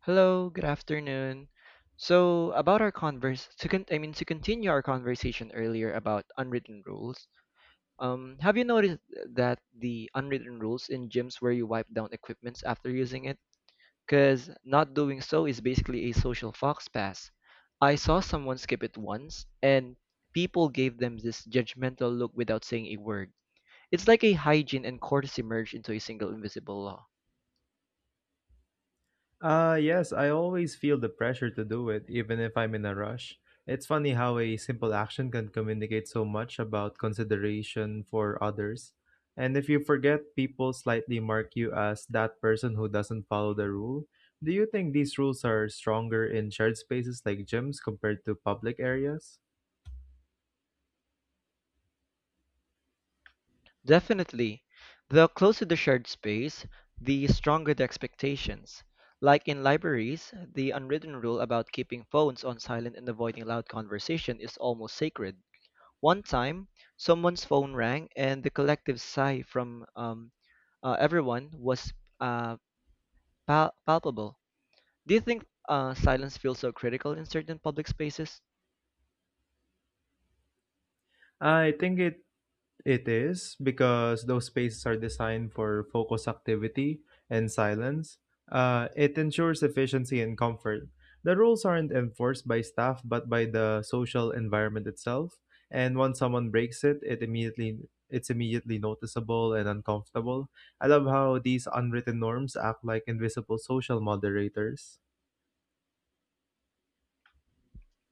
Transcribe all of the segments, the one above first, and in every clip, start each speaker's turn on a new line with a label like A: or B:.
A: Hello, good afternoon. So, about our converse to con- I mean to continue our conversation earlier about unwritten rules. Have you noticed that the unwritten rules in gyms where you wipe down equipments after using it? Because not doing so is basically a social fox pass. I saw someone skip it once, and people gave them this judgmental look without saying a word. It's like a hygiene and courtesy merged into a single invisible law.
B: Yes, I always feel the pressure to do it, even if I'm in a rush. It's funny how a simple action can communicate so much about consideration for others. And if you forget, people slightly mark you as that person who doesn't follow the rule. Do you think these rules are stronger in shared spaces like gyms compared to public areas?
A: Definitely. The closer the shared space, the stronger the expectations. Like in libraries, the unwritten rule about keeping phones on silent and avoiding loud conversation is almost sacred. One time, someone's phone rang, and the collective sigh from everyone was uh, palpable. Do you think silence feels so critical in certain public spaces?
B: I think it It is because those spaces are designed for focus activity and silence. It ensures efficiency and comfort. The rules aren't enforced by staff but by the social environment itself. And once someone breaks it, it immediately it's immediately noticeable and uncomfortable. I love how these unwritten norms act like invisible social moderators.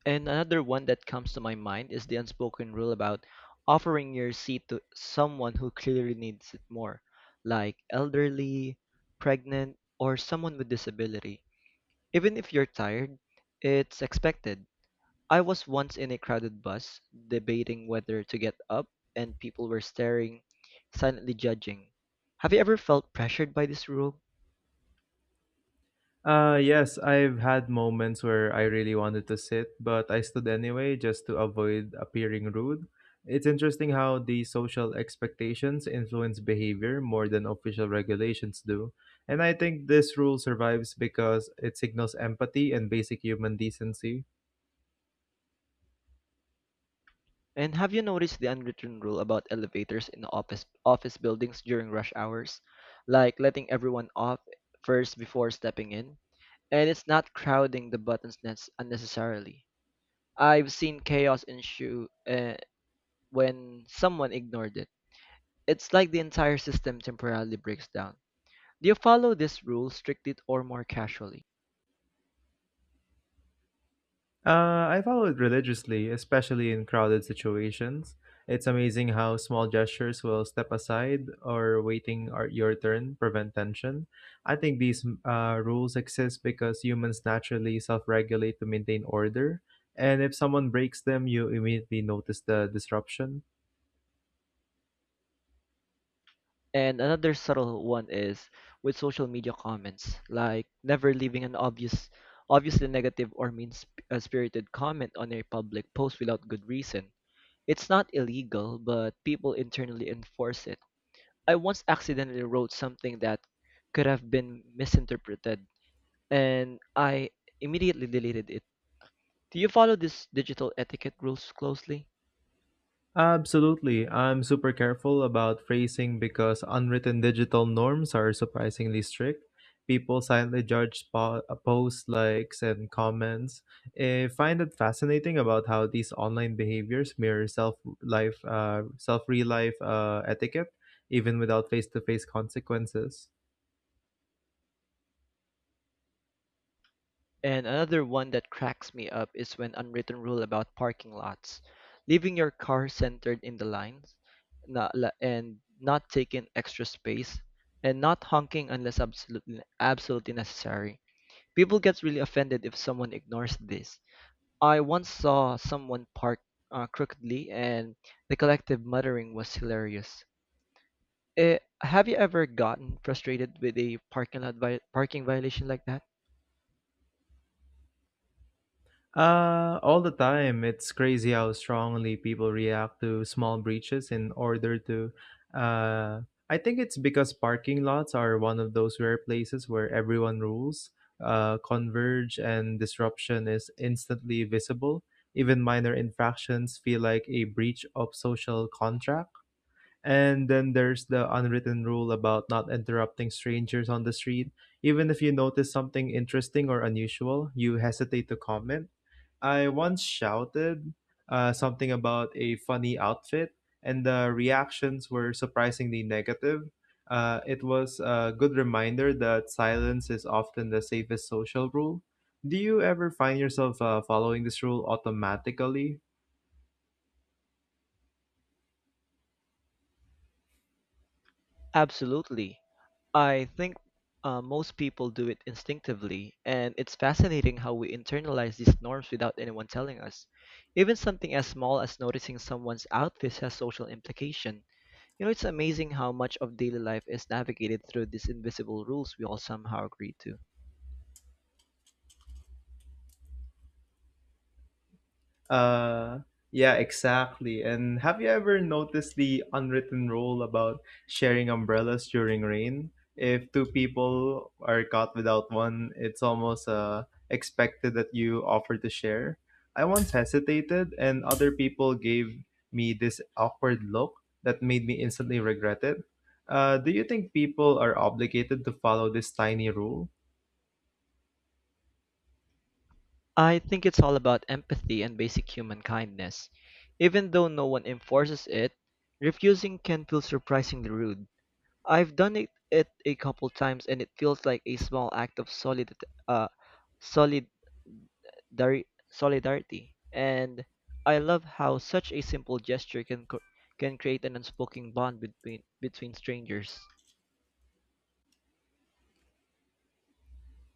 A: And another one that comes to my mind is the unspoken rule about offering your seat to someone who clearly needs it more, like elderly, pregnant, or someone with disability. Even if you're tired, it's expected. I was once in a crowded bus debating whether to get up, and people were staring, silently judging. Have you ever felt pressured by this rule?
B: Yes, I've had moments where I really wanted to sit, but I stood anyway just to avoid appearing rude. It's interesting how the social expectations influence behavior more than official regulations do. And I think this rule survives because it signals empathy and basic human decency.
A: And have you noticed the unwritten rule about elevators in office buildings during rush hours? Like letting everyone off first before stepping in? And it's not crowding the buttons unnecessarily. I've seen chaos ensue when someone ignored it. It's like the entire system temporarily breaks down. Do you follow this rule strictly or more casually?
B: I follow it religiously, especially in crowded situations. It's amazing how small gestures will step aside or waiting are your turn prevent tension. I think these rules exist because humans naturally self regulate to maintain order, and if someone breaks them, you immediately notice the disruption.
A: And another subtle one is with social media comments, like never leaving obviously negative or mean spirited comment on a public post without good reason. It's not illegal, but people internally enforce it. I once accidentally wrote something that could have been misinterpreted, and I immediately deleted it. Do you follow these digital etiquette rules closely?
B: Absolutely. I'm super careful about phrasing because unwritten digital norms are surprisingly strict. People silently judge posts, likes, and comments. I find it fascinating about how these online behaviors mirror self real life etiquette, even without face to face consequences.
A: And another one that cracks me up is when unwritten rule about parking lots, leaving your car centered in the lines, not, la- and not taking extra space, and not honking unless absolutely necessary. People get really offended if someone ignores this. I once saw someone park crookedly, and the collective muttering was hilarious. Eh, have you ever gotten frustrated with a parking violation like that?
B: All the time. It's crazy how strongly people react to small breaches in order to. Uh, I think it's because parking lots are one of those rare places where everyone rules converge and disruption is instantly visible. Even minor infractions feel like a breach of social contract. And then there's the unwritten rule about not interrupting strangers on the street. Even if you notice something interesting or unusual, you hesitate to comment. I once shouted something about a funny outfit, and the reactions were surprisingly negative. It was a good reminder that silence is often the safest social rule. Do you ever find yourself following this rule automatically?
A: Absolutely. I think most people do it instinctively, and it's fascinating how we internalize these norms without anyone telling us. Even something as small as noticing someone's outfit has social implication. You know, it's amazing how much of daily life is navigated through these invisible rules we all somehow agree to.
B: Uh, yeah, exactly. And have you ever noticed the unwritten rule about sharing umbrellas during rain? If two people are caught without one, it's almost expected that you offer to share. I once hesitated, and other people gave me this awkward look that made me instantly regret it. Do you think people are obligated to follow this tiny rule?
A: I think it's all about empathy and basic human kindness. Even though no one enforces it, refusing can feel surprisingly rude. I've done it a couple times and it feels like a small act of uh solidari- solidarity, and I love how such a simple gesture can create an unspoken bond between strangers.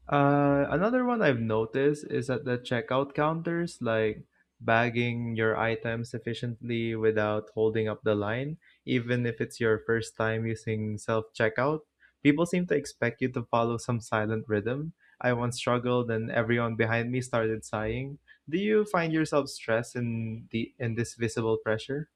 B: Another one I've noticed is at the checkout counters, like bagging your items efficiently without holding up the line, even if it's your first time using self checkout. People seem to expect you to follow some silent rhythm. I once struggled and everyone behind me started sighing. Do you find yourself stressed in the in this visible pressure?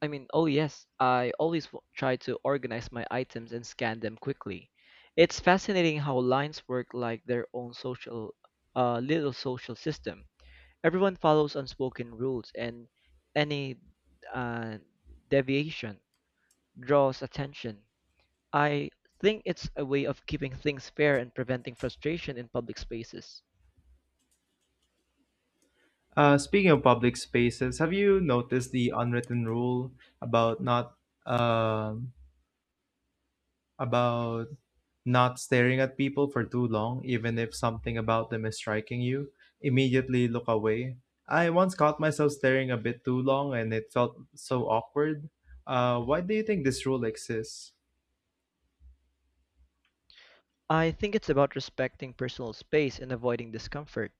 A: I mean, oh yes, I always try to organize my items and scan them quickly. It's fascinating how lines work like their own social little social system. Everyone follows unspoken rules, and any uh, deviation draws attention. I think it's a way of keeping things fair and preventing frustration in public spaces.
B: Speaking of public spaces, have you noticed the unwritten rule about um about Not staring at people for too long, even if something about them is striking you, immediately look away. I once caught myself staring a bit too long and it felt so awkward. Why do you think this rule exists?
A: I think it's about respecting personal space and avoiding discomfort.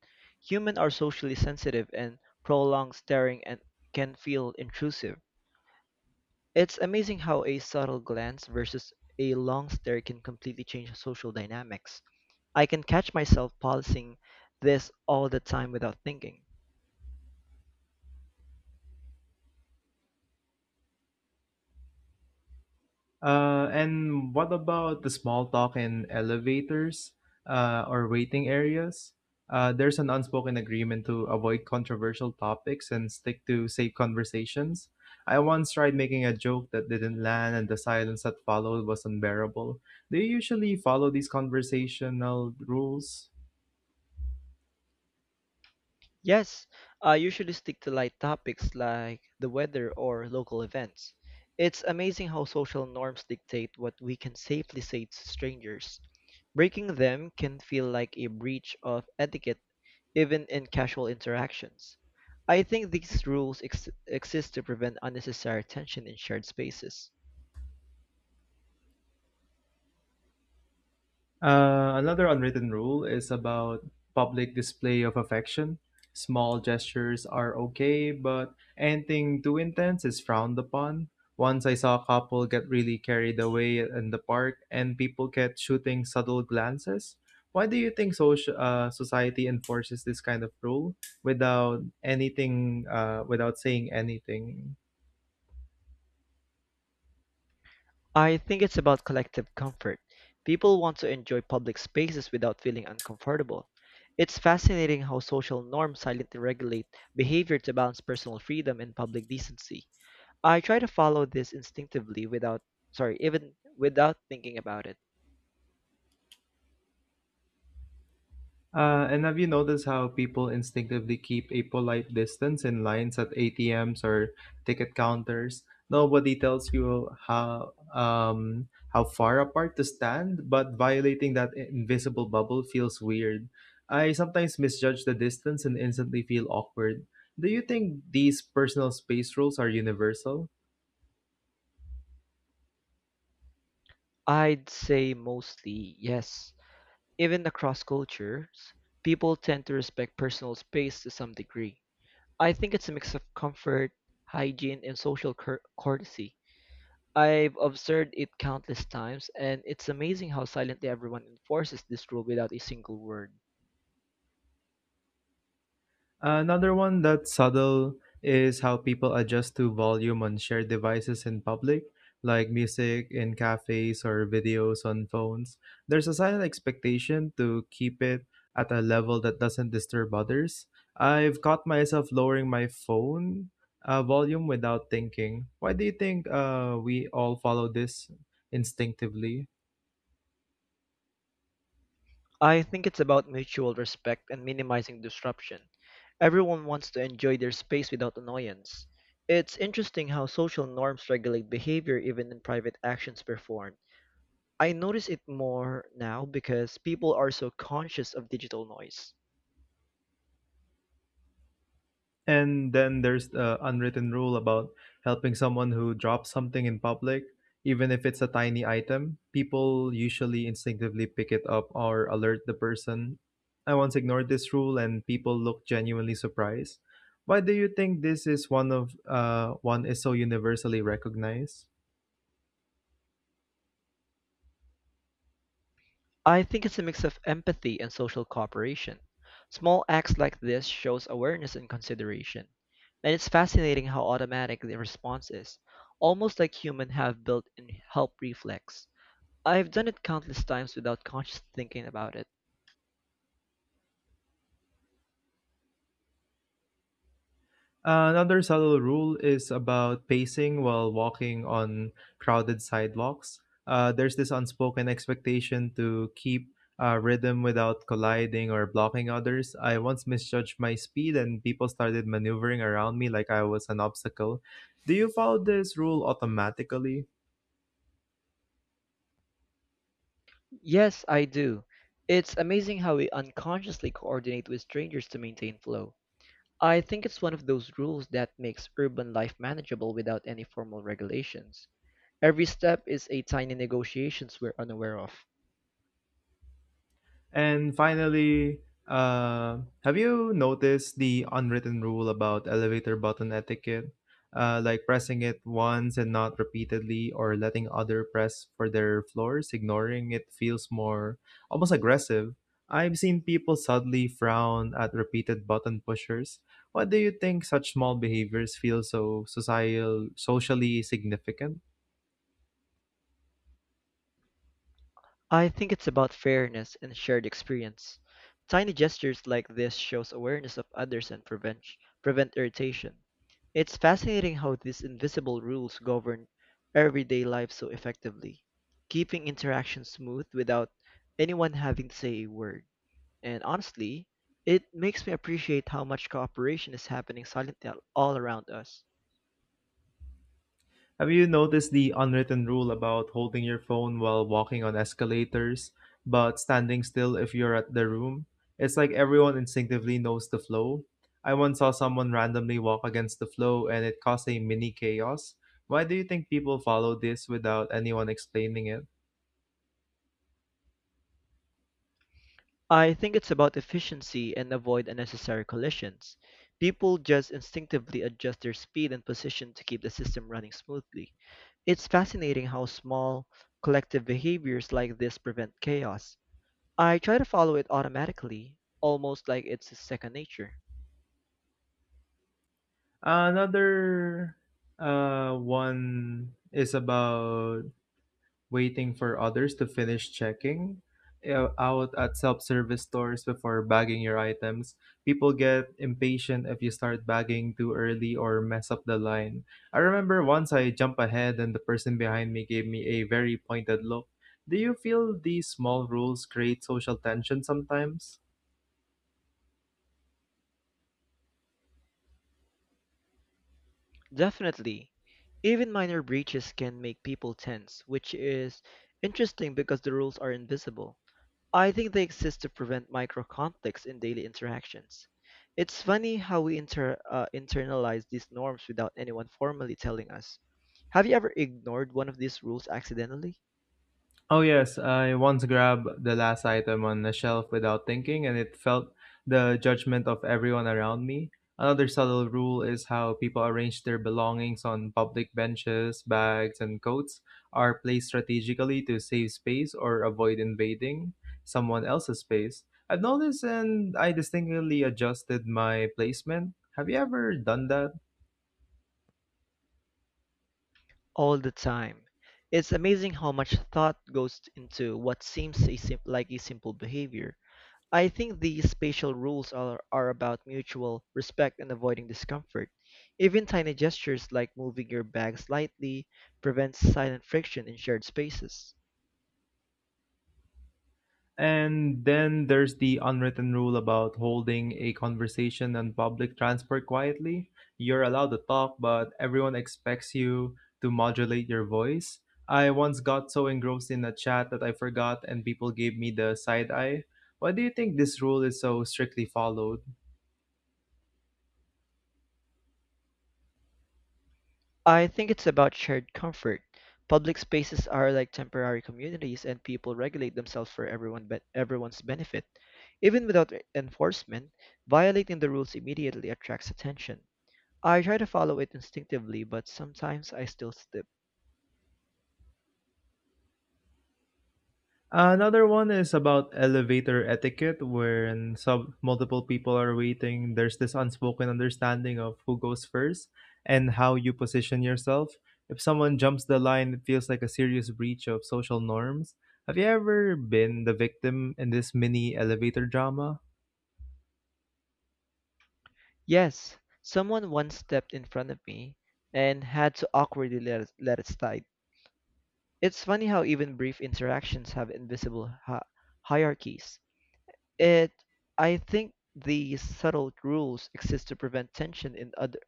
A: Humans are socially sensitive, and prolonged staring and can feel intrusive. It's amazing how a subtle glance versus a long stare can completely change social dynamics. I can catch myself policing this all the time without thinking.
B: And what about the small talk in elevators or waiting areas? There's an unspoken agreement to avoid controversial topics and stick to safe conversations. I once tried making a joke that didn't land, and the silence that followed was unbearable. Do you usually follow these conversational rules?
A: Yes, I usually stick to light topics like the weather or local events. It's amazing how social norms dictate what we can safely say to strangers. Breaking them can feel like a breach of etiquette, even in casual interactions. I think these rules exist to prevent unnecessary tension in shared spaces.
B: Another unwritten rule is about public display of affection. Small gestures are okay, but anything too intense is frowned upon. Once I saw a couple get really carried away in the park, and people kept shooting subtle glances. Why do you think social society enforces this kind of rule without without saying anything?
A: I think it's about collective comfort. People want to enjoy public spaces without feeling uncomfortable. It's fascinating how social norms silently regulate behavior to balance personal freedom and public decency. I try to follow this instinctively without, sorry, even without thinking about it.
B: And have you noticed how people instinctively keep a polite distance in lines at ATMs or ticket counters? Nobody tells you how far apart to stand, but violating that invisible bubble feels weird. I sometimes misjudge the distance and instantly feel awkward. Do you think these personal space rules are universal?
A: I'd say mostly yes. Even across cultures, people tend to respect personal space to some degree. I think it's a mix of comfort, hygiene, and courtesy. I've observed it countless times, and it's amazing how silently everyone enforces this rule without a single word.
B: Another one that's subtle is how people adjust to volume on shared devices in public, like music in cafes or videos on phones. There's a silent expectation to keep it at a level that doesn't disturb others. I've caught myself lowering my phone volume without thinking. Why do you think we all follow this instinctively?
A: I think it's about mutual respect and minimizing disruption. Everyone wants to enjoy their space without annoyance. It's interesting how social norms regulate behavior even in private actions performed. I notice it more now because people are so conscious of digital noise.
B: And then there's the unwritten rule about helping someone who drops something in public, even if it's a tiny item. People usually instinctively pick it up or alert the person. I once ignored this rule, and people looked genuinely surprised. Why do you think this is one is so universally recognized?
A: I think it's a mix of empathy and social cooperation. Small acts like this shows awareness and consideration. And it's fascinating how automatic the response is, almost like humans have built-in help reflex. I've done it countless times without conscious thinking about it.
B: Another subtle rule is about pacing while walking on crowded sidewalks. There's this unspoken expectation to keep rhythm without colliding or blocking others. I once misjudged my speed and people started maneuvering around me like I was an obstacle. Do you follow this rule automatically?
A: Yes, I do. It's amazing how we unconsciously coordinate with strangers to maintain flow. I think it's one of those rules that makes urban life manageable without any formal regulations. Every step is a tiny negotiations we're unaware of.
B: And finally, have you noticed the unwritten rule about elevator button etiquette? Like pressing it once and not repeatedly, or letting other press for their floors, ignoring it feels more almost aggressive. I've seen people suddenly frown at repeated button pushers. What do you think such small behaviors feel so socially significant?
A: I think it's about fairness and shared experience. Tiny gestures like this shows awareness of others and prevent irritation. It's fascinating how these invisible rules govern everyday life so effectively, keeping interactions smooth without anyone having to say a word. And honestly, it makes me appreciate how much cooperation is happening silently all around us.
B: Have you noticed the unwritten rule about holding your phone while walking on escalators, but standing still if you're at the room? It's like everyone instinctively knows the flow. I once saw someone randomly walk against the flow and it caused a mini chaos. Why do you think people follow this without anyone explaining it?
A: I think it's about efficiency and avoid unnecessary collisions. People just instinctively adjust their speed and position to keep the system running smoothly. It's fascinating how small collective behaviors like this prevent chaos. I try to follow it automatically, almost like it's second nature.
B: Another one is about waiting for others to finish checking out at self-service stores before bagging your items. People get impatient if you start bagging too early or mess up the line. I remember once I jumped ahead and the person behind me gave me a very pointed look. Do you feel these small rules create social tension sometimes?
A: Definitely, even minor breaches can make people tense, which is interesting because the rules are invisible. I think they exist to prevent micro conflicts in daily interactions. It's funny how we internalize these norms without anyone formally telling us. Have you ever ignored one of these rules accidentally?
B: Oh yes, I once grabbed the last item on the shelf without thinking and it felt the judgment of everyone around me. Another subtle rule is how people arrange their belongings on public benches, bags, and coats are placed strategically to save space or avoid invading someone else's space. I've noticed and I distinctly adjusted my placement. Have you ever done that?
A: All the time. It's amazing how much thought goes into what seems like a simple behavior. I think these spatial rules are about mutual respect and avoiding discomfort. Even tiny gestures like moving your bag slightly prevents silent friction in shared spaces.
B: And then there's the unwritten rule about holding a conversation on public transport quietly. You're allowed to talk, but everyone expects you to modulate your voice. I once got so engrossed in a chat that I forgot, and people gave me the side eye. Why do you think this rule is so strictly followed?
A: I think it's about shared comfort. Public spaces are like temporary communities, and people regulate themselves for everyone's benefit. Even without enforcement, violating the rules immediately attracts attention. I try to follow it instinctively, but sometimes I still slip.
B: Another one is about elevator etiquette, when sub multiple people are waiting. There's this unspoken understanding of who goes first and how you position yourself. If someone jumps the line, it feels like a serious breach of social norms. Have you ever been the victim in this mini elevator drama?
A: Yes, someone once stepped in front of me and had to awkwardly let it slide. It's funny how even brief interactions have invisible hierarchies. It, I think these subtle rules exist to prevent tension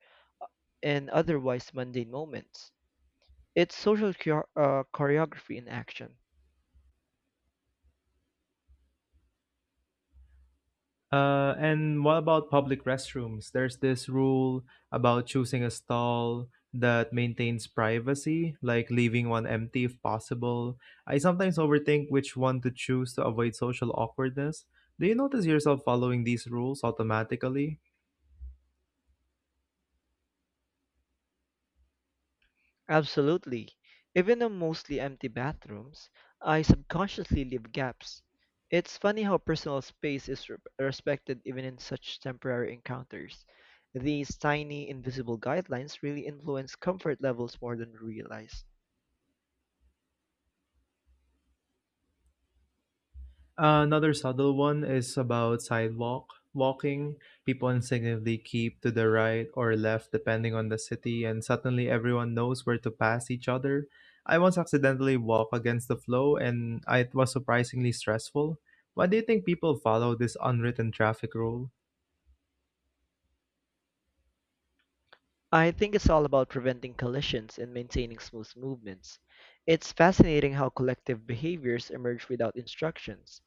A: in otherwise mundane moments. It's social choreography in action.
B: And what about public restrooms? There's this rule about choosing a stall that maintains privacy, like leaving one empty if possible. I sometimes overthink which one to choose to avoid social awkwardness. Do you notice yourself following these rules automatically?
A: Absolutely. Even in mostly empty bathrooms, I subconsciously leave gaps. It's funny how personal space is respected even in such temporary encounters. These tiny invisible guidelines really influence comfort levels more than we realize.
B: Another subtle one is about sidewalk walking. People instinctively keep to the right or left depending on the city, and suddenly everyone knows where to pass each other. I once accidentally walked against the flow, and it was surprisingly stressful. Why do you think people follow this unwritten traffic rule?
A: I think it's all about preventing collisions and maintaining smooth movements. It's fascinating how collective behaviors emerge without instructions.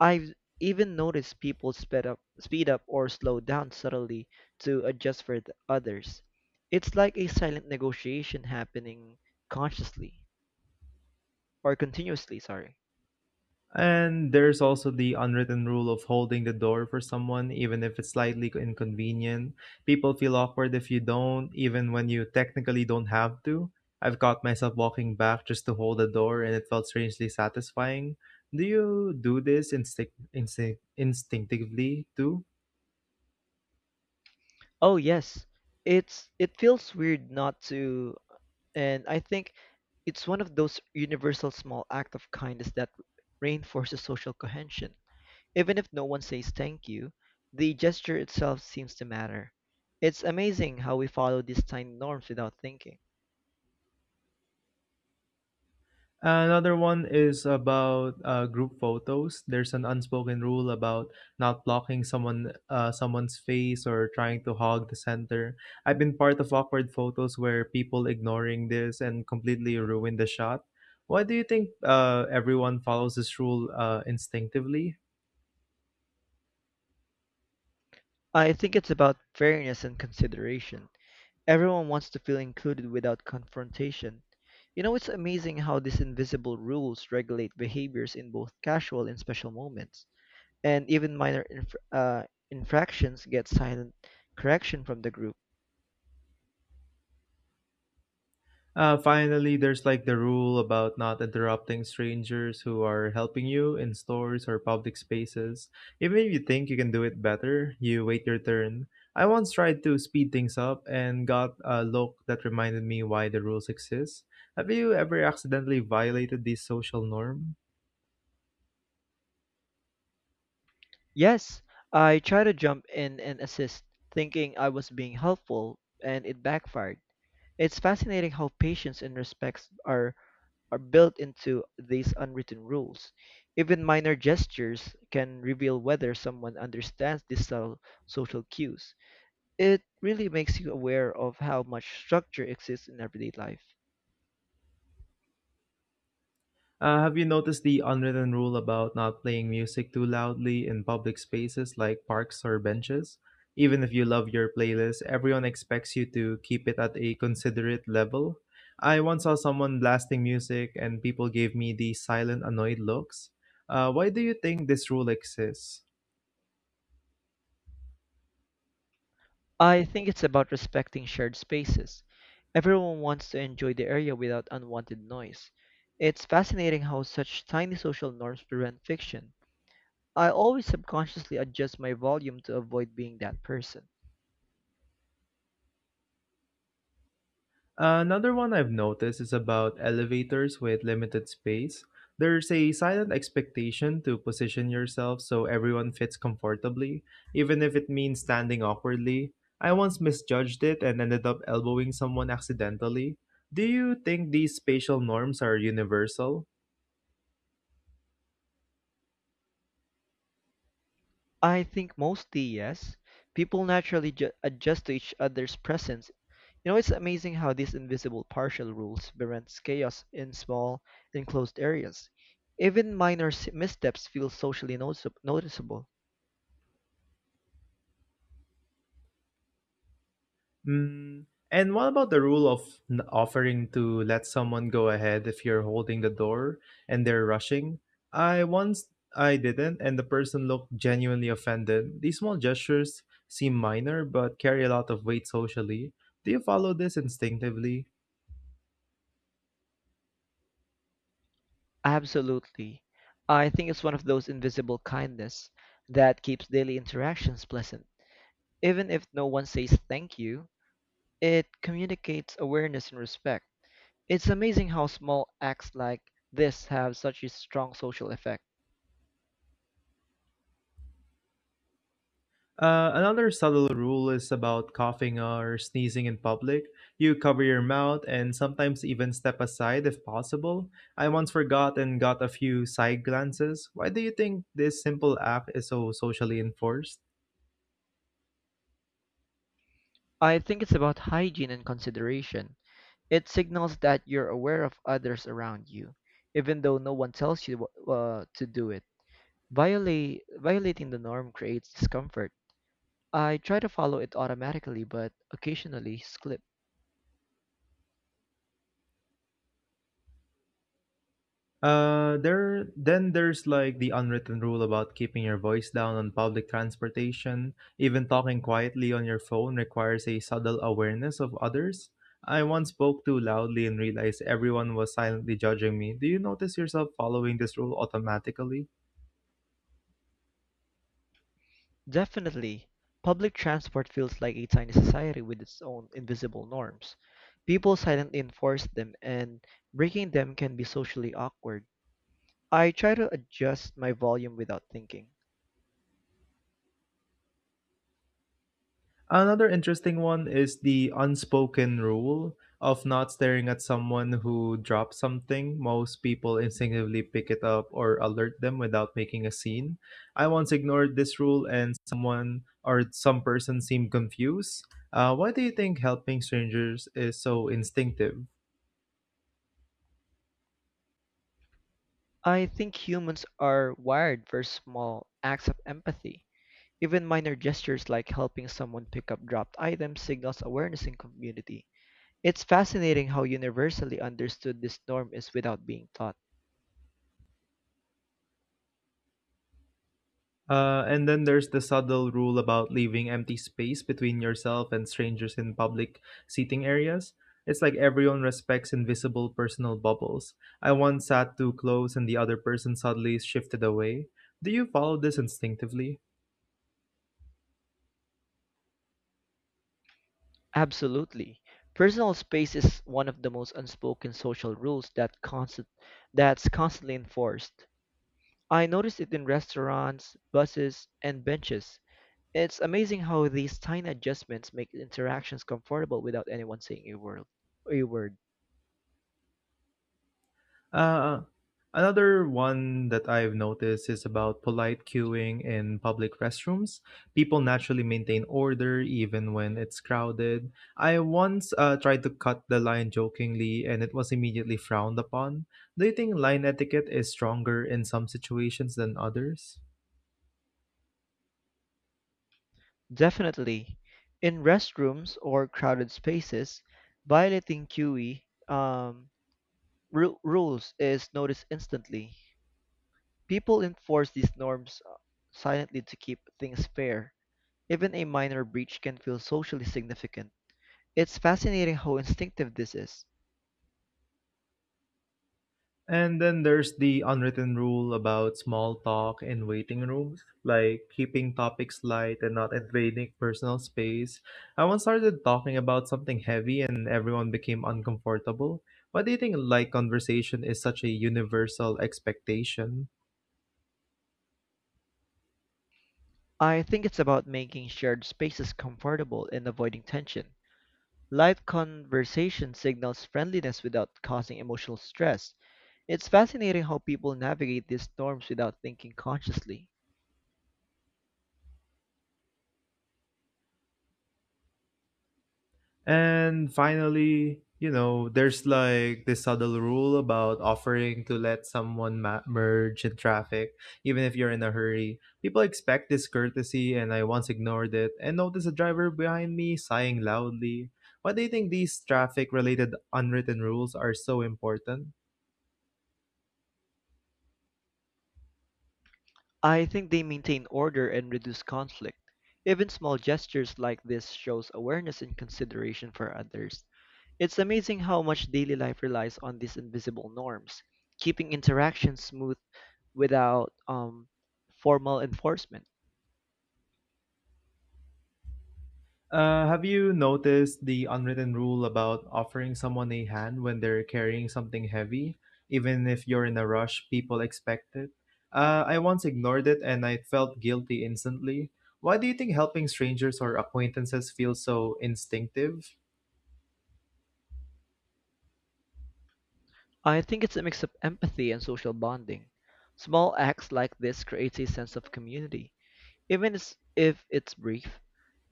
A: I've even noticed people speed up or slow down subtly to adjust for the others. It's like a silent negotiation happening consciously or continuously, sorry.
B: And there's also the unwritten rule of holding the door for someone, even if it's slightly inconvenient. People feel awkward if you don't, even when you technically don't have to. I've caught myself walking back just to hold the door, and it felt strangely satisfying. Do you do this instinctively too?
A: Oh yes, it's it feels weird not to. And I think it's one of those universal small act of kindness that reinforces social cohesion. Even if no one says thank you, the gesture itself seems to matter. It's amazing how we follow these tiny norms without thinking.
B: Another one is about group photos. There's an unspoken rule about not blocking someone's face or trying to hog the center. I've been part of awkward photos where people ignoring this and completely ruin the shot. Why do you think everyone follows this rule instinctively?
A: I think it's about fairness and consideration. Everyone wants to feel included without confrontation. You know, it's amazing how these invisible rules regulate behaviors in both casual and special moments. And even minor infractions get silent correction from the group.
B: Finally, there's like the rule about not interrupting strangers who are helping you in stores or public spaces. Even if you think you can do it better, you wait your turn. I once tried to speed things up and got a look that reminded me why the rules exist. Have you ever accidentally violated this social norm?
A: Yes, I tried to jump in and assist, thinking I was being helpful, and it backfired. It's fascinating how patience and respect are built into these unwritten rules. Even minor gestures can reveal whether someone understands these subtle social cues. It really makes you aware of how much structure exists in everyday life.
B: Have you noticed the unwritten rule about not playing music too loudly in public spaces like parks or benches? Even if you love your playlist, everyone expects you to keep it at a considerate level. I once saw someone blasting music and people gave me the silent, annoyed looks. Why do you think this rule exists?
A: I think it's about respecting shared spaces. Everyone wants to enjoy the area without unwanted noise. It's fascinating how such tiny social norms prevent fiction. I always subconsciously adjust my volume to avoid being that person.
B: Another one I've noticed is about elevators with limited space. There's a silent expectation to position yourself so everyone fits comfortably, even if it means standing awkwardly. I once misjudged it and ended up elbowing someone accidentally. Do you think these spatial norms are universal?
A: I think mostly yes. People naturally adjust to each other's presence. You know, it's amazing how these invisible partial rules prevents chaos in small, enclosed areas. Even minor missteps feel socially noticeable.
B: Mm, and what about the rule of offering to let someone go ahead if you're holding the door and they're rushing? I once I didn't, and the person looked genuinely offended. These small gestures seem minor but carry a lot of weight socially. Do you follow this instinctively?
A: Absolutely. I think it's one of those invisible kindness that keeps daily interactions pleasant. Even if no one says thank you, it communicates awareness and respect. It's amazing how small acts like this have such a strong social effect.
B: Another subtle rule is about coughing or sneezing in public. You cover your mouth and sometimes even step aside if possible. I once forgot and got a few side glances. Why do you think this simple act is so socially enforced?
A: I think it's about hygiene and consideration. It signals that you're aware of others around you, even though no one tells you to do it. Violating the norm creates discomfort. I try to follow it automatically, but occasionally slip.
B: There then there's like the unwritten rule about keeping your voice down on public transportation. Even talking quietly on your phone requires a subtle awareness of others. I once spoke too loudly and realized everyone was silently judging me. Do you notice yourself following this rule automatically?
A: Definitely. Public transport feels like a tiny society with its own invisible norms. People silently enforce them, and breaking them can be socially awkward. I try to adjust my volume without thinking.
B: Another interesting one is the unspoken rule of not staring at someone who drops something. Most people instinctively pick it up or alert them without making a scene. I once ignored this rule and someone or some person seemed confused. Why do you think helping strangers is so instinctive?
A: I think humans are wired for small acts of empathy. Even minor gestures like helping someone pick up dropped items signals awareness in community. It's fascinating how universally understood this norm is without being taught.
B: And then there's the subtle rule about leaving empty space between yourself and strangers in public seating areas. It's like everyone respects invisible personal bubbles. I once sat too close and the other person suddenly shifted away. Do you follow this instinctively?
A: Absolutely. Personal space is one of the most unspoken social rules that that's constantly enforced. I noticed it in restaurants, buses, and benches. It's amazing how these tiny adjustments make interactions comfortable without anyone saying A word.
B: Uh, Another one that I've noticed is about polite queuing in public restrooms. People naturally maintain order even when it's crowded. I once tried to cut the line jokingly and it was immediately frowned upon. Do you think line etiquette is stronger in some situations than others?
A: Definitely. In restrooms or crowded spaces, violating QE, um, rules is noticed instantly. People enforce these norms silently to keep things fair. Even a minor breach can feel socially significant. It's fascinating how instinctive this is.
B: And then there's the unwritten rule about small talk in waiting rooms, like keeping topics light and not invading personal space. I once started talking about something heavy and everyone became uncomfortable. Why do you think light conversation is such a universal expectation?
A: I think it's about making shared spaces comfortable and avoiding tension. Light conversation signals friendliness without causing emotional stress. It's fascinating how people navigate these storms without thinking consciously.
B: And finally, you know, there's like this subtle rule about offering to let someone merge in traffic, even if you're in a hurry. People expect this courtesy, and I once ignored it and noticed a driver behind me sighing loudly. Why do you think these traffic related unwritten rules are so important?
A: I think they maintain order and reduce conflict. Even small gestures like this shows awareness and consideration for others. It's amazing how much daily life relies on these invisible norms, keeping interactions smooth without formal enforcement.
B: Have you noticed the unwritten rule about offering someone a hand when they're carrying something heavy? Even if you're in a rush, people expect it. I once ignored it and I felt guilty instantly. Why do you think helping strangers or acquaintances feels so instinctive?
A: I think it's a mix of empathy and social bonding. Small acts like this creates a sense of community. Even if it's brief,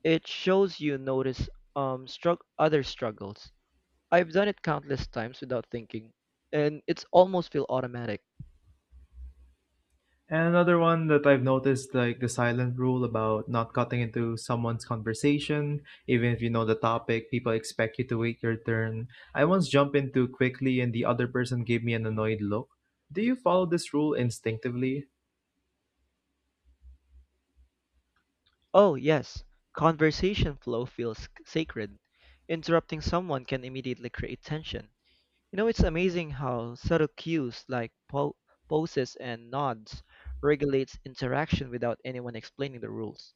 A: it shows you notice strugg other struggles. I've done it countless times without thinking, and it's almost feel automatic.
B: And another one that I've noticed, like the silent rule about not cutting into someone's conversation, even if you know the topic, people expect you to wait your turn. I once jumped in too quickly and the other person gave me an annoyed look. Do you follow this rule instinctively?
A: Oh yes, conversation flow feels sacred. Interrupting someone can immediately create tension. You know, it's amazing how subtle cues like poses and nods regulates interaction without anyone explaining the rules.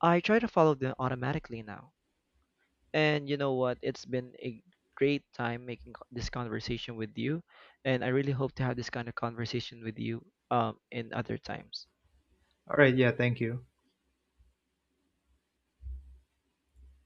A: I try to follow them automatically now. And you know what? It's been a great time making this conversation with you, and I really hope to have this kind of conversation with you in other times.
B: All right, yeah, thank you.